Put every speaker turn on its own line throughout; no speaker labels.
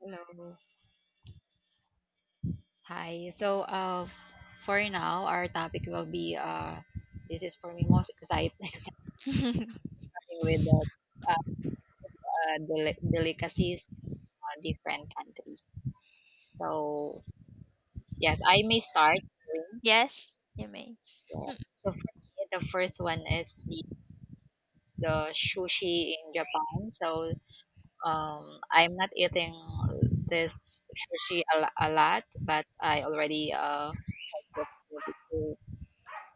Hello. Hi. For now, our topic will be this is for me most exciting, exciting with the uh, uh, delicacies in a different country. So, yes, I may start doing.
Yes, you may.
Yeah. So, for me, the first one is the sushi in Japan. So, I'm not eating this sushi a lot, but I already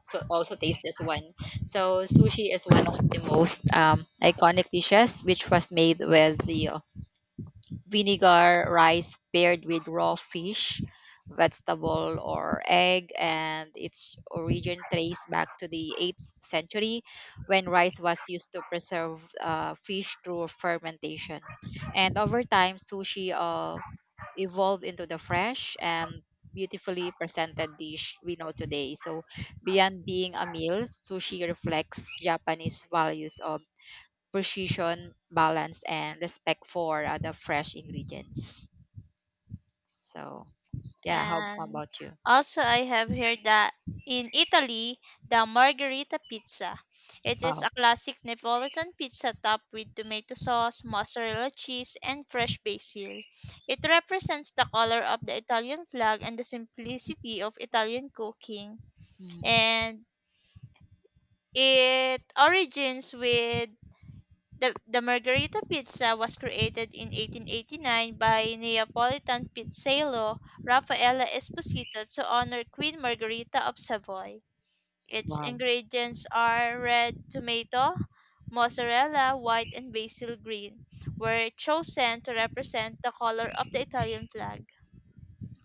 so also taste this one. So sushi is one of the most iconic dishes, which was made with the vinegar rice paired with raw fish, vegetable, or egg, and its origin traced back to the 8th century, when rice was used to preserve fish through fermentation. And over time, sushi evolved into the fresh and beautifully presented dish we know today. So, beyond being a meal, sushi reflects Japanese values of precision, balance, and respect for the fresh ingredients. So, yeah, how
And
about you?
also, I have heard that in Italy, the margherita pizza. It is
Wow.
a classic Neapolitan pizza topped with tomato sauce, mozzarella cheese, and fresh basil. It represents the color of the Italian flag and the simplicity of Italian cooking.
Mm,
And it origins with the margherita pizza was created in 1889 by Neapolitan pizzaiolo Raffaella Esposito to honor Queen Margherita of Savoy. Its
wow.
ingredients are red tomato, mozzarella, white, and basil green, were chosen to represent the color of the Italian flag.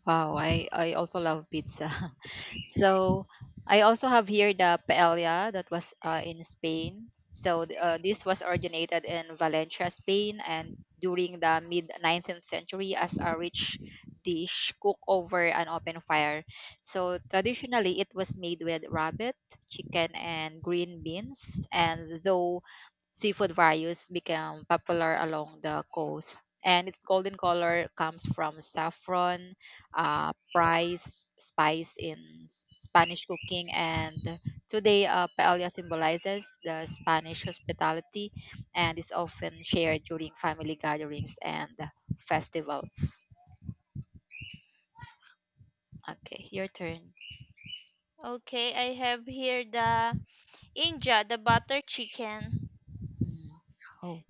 Wow, I also love pizza. So I also have here the paella that was in Spain. So this was originated in Valencia, Spain, and during the mid 19th century as a rich dish cooked over an open fire. So traditionally, it was made with rabbit, chicken, and green beans. And though seafood varieties became popular along the coast. And its golden color comes from saffron, spice in Spanish cooking. And today, paella symbolizes the Spanish hospitality and is often shared during family gatherings and festivals. Okay, your turn.
Okay, I have here the inja, the butter chicken.
Mm. Oh,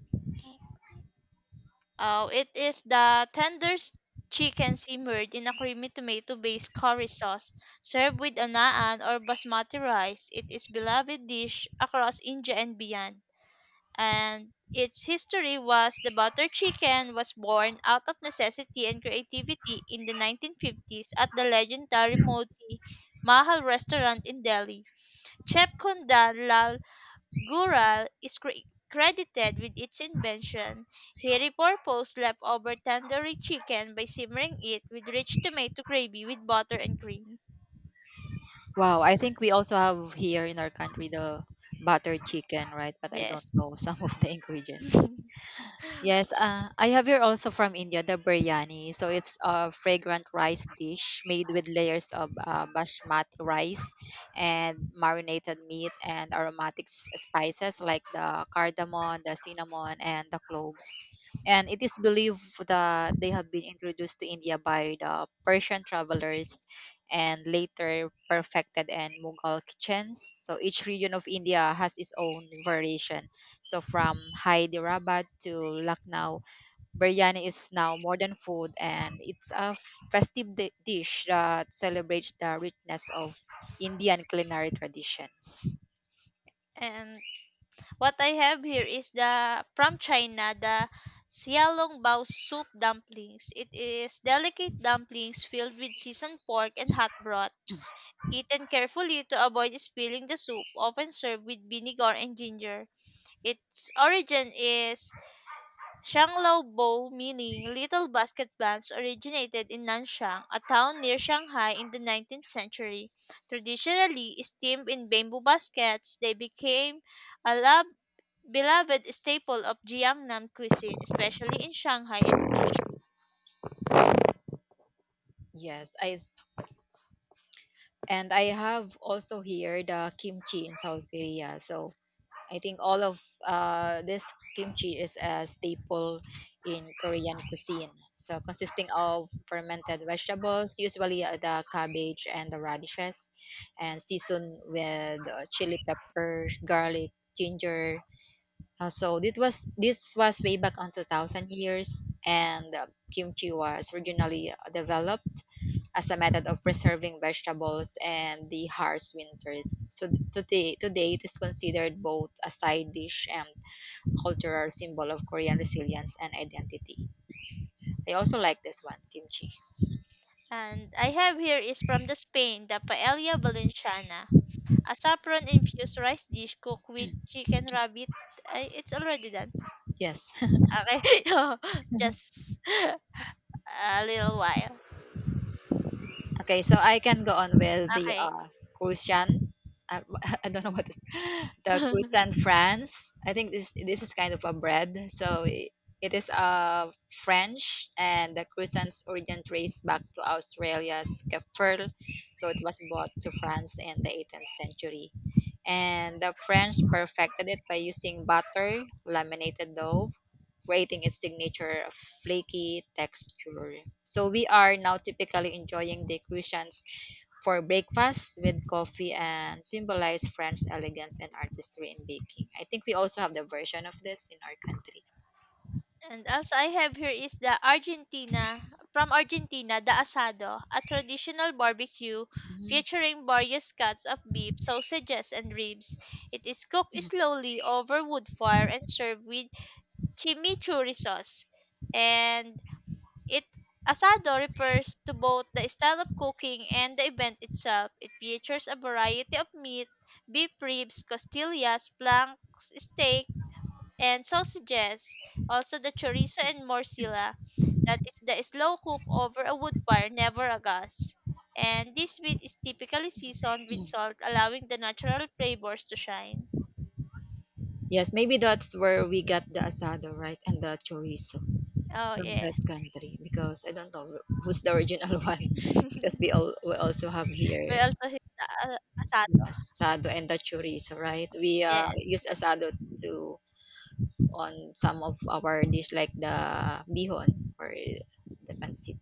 Oh, it is the tenderest chicken simmered in a creamy tomato-based curry sauce, served with a naan or basmati rice. It is beloved dish across India and beyond, and its history was the butter chicken was born out of necessity and creativity in the 1950s at the legendary Moti Mahal restaurant in Delhi. Chef Kundan Lal. Gural is credited with its invention. He repurposed leftover tandoori chicken by simmering it with rich tomato gravy with butter and cream.
wow. I think we also have here in our country the buttered chicken, right? But I don't
Yes.
know some of the ingredients. Yes, I have here also from India the biryani. So it's a fragrant rice dish made with layers of basmati rice and marinated meat and aromatic spices like the cardamom, the cinnamon, and the cloves. And it is believed that they have been introduced to India by the Persian travelers and later perfected in Mughal kitchens. So each region of India has its own variation, so from Hyderabad to Lucknow, biryani is now more than food, and it's a festive dish that celebrates the richness of Indian culinary traditions.
And what I have here is the from China, the Xiaolong Bao soup dumplings. It is delicate dumplings filled with seasoned pork and hot broth. Eaten carefully to avoid spilling the soup, often served with vinegar and ginger. Its origin is Shanglao Bo, meaning "little basket plants," originated in Nanshang, a town near Shanghai, in the 19th century. Traditionally steamed in bamboo baskets, they became a beloved staple of Jiangnan cuisine, especially in Shanghai and Suzhou.
Yes, I have also here the kimchi in South Korea. So I think all of this kimchi is a staple in Korean cuisine. So, consisting of fermented vegetables, usually the cabbage and the radishes, and seasoned with chili pepper, garlic, ginger. So this was way back on 2,000 years, and kimchi was originally developed as a method of preserving vegetables and the harsh winters. So today it is considered both a side dish and cultural symbol of Korean resilience and identity. I also like this one, kimchi.
And I have here is from the Spain, the paella valenciana, a saffron infused rice dish cooked with chicken, rabbit. Ay, it's already done.
Yes.
Okay, just a little while.
Okay, so I can go on with the
Okay.
Christian. I, I don't know what the Christian France. I think this is kind of a bread. So it is French, and the Christian's origin traced back to Australia's Kefir. So it was brought to France in the 18th century and the French perfected it by using butter, laminated dough, creating its signature flaky texture. So we are now typically enjoying the croissants for breakfast with coffee and symbolize French elegance and artistry in baking. I think we also have the version of this in our country.
And also I have here is the Argentina from Argentina, the asado, a traditional barbecue
Mhm.
featuring various cuts of beef, sausages, and ribs. It is cooked slowly over wood fire and served with chimichurri sauce. And it asado refers to both the style of cooking and the event itself. It features a variety of meat, beef ribs, costillas, planks, steak, and sausages, also the chorizo and morcilla, that is the slow cook over a wood fire, never a gas. And this meat is typically seasoned with salt, allowing the natural flavors to shine.
Yes, maybe that's where we got the asado, right? And the chorizo
Oh,
from that
yes.
country because I don't know who's the original one
We
because we also have here
also hit the asado,
asado and the chorizo, right? We
yes.
use asado to on some of our dish like the bihon or the pancit.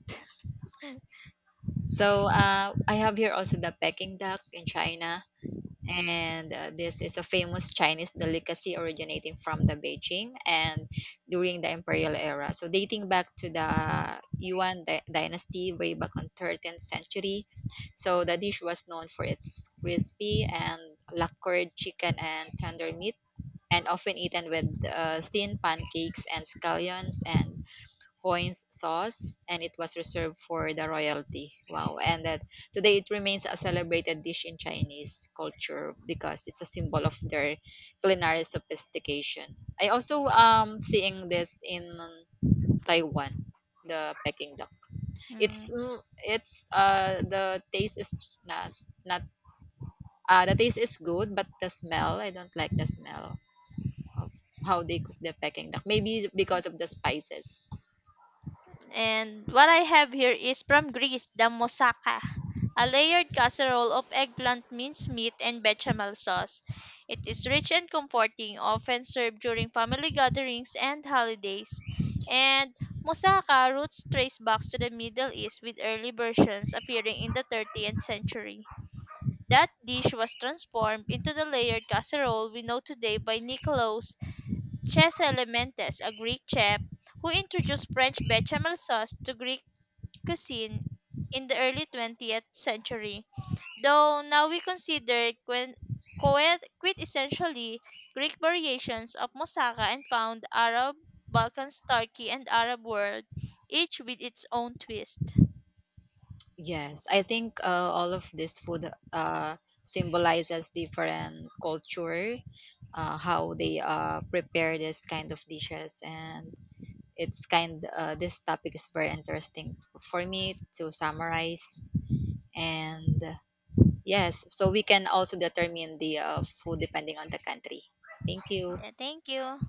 So I have here also the Peking duck in China. And this is a famous Chinese delicacy originating from the Beijing and during the imperial era. So dating back to the Yuan dynasty way back on 13th century. So the dish was known for its crispy and lacquered chicken and tender meat and often eaten with thin pancakes and scallions and Hoine's sauce, and it was reserved for the royalty. Wow! And that today it remains a celebrated dish in Chinese culture because it's a symbol of their culinary sophistication. I also seeing this in Taiwan, the Peking duck. It's
Mm.
mm, it's uh the taste is not not the taste is good, but the smell I don't like the smell of how they cook the Peking duck. Maybe because of the spices.
And what I have here is from Greece, the moussaka, a layered casserole of eggplant, minced meat, and bechamel sauce. It is rich and comforting, often served during family gatherings and holidays. And moussaka roots trace back to the Middle East with early versions appearing in the 13th century. That dish was transformed into the layered casserole we know today by Nikolaos Cheselementes, a Greek chef who introduced French bechamel sauce to Greek cuisine in the early 20th century, though now we consider quite essentially Greek variations of moussaka and found Arab, Balkans, Turkey, and Arab world, each with its own twist.
Yes, I think all of this food uh, symbolizes different culture, how they prepare this kind of dishes, and it's kind. This topic is very interesting for me to summarize. And yes, so we can also determine the food depending on the country. Thank you.
Yeah, thank you.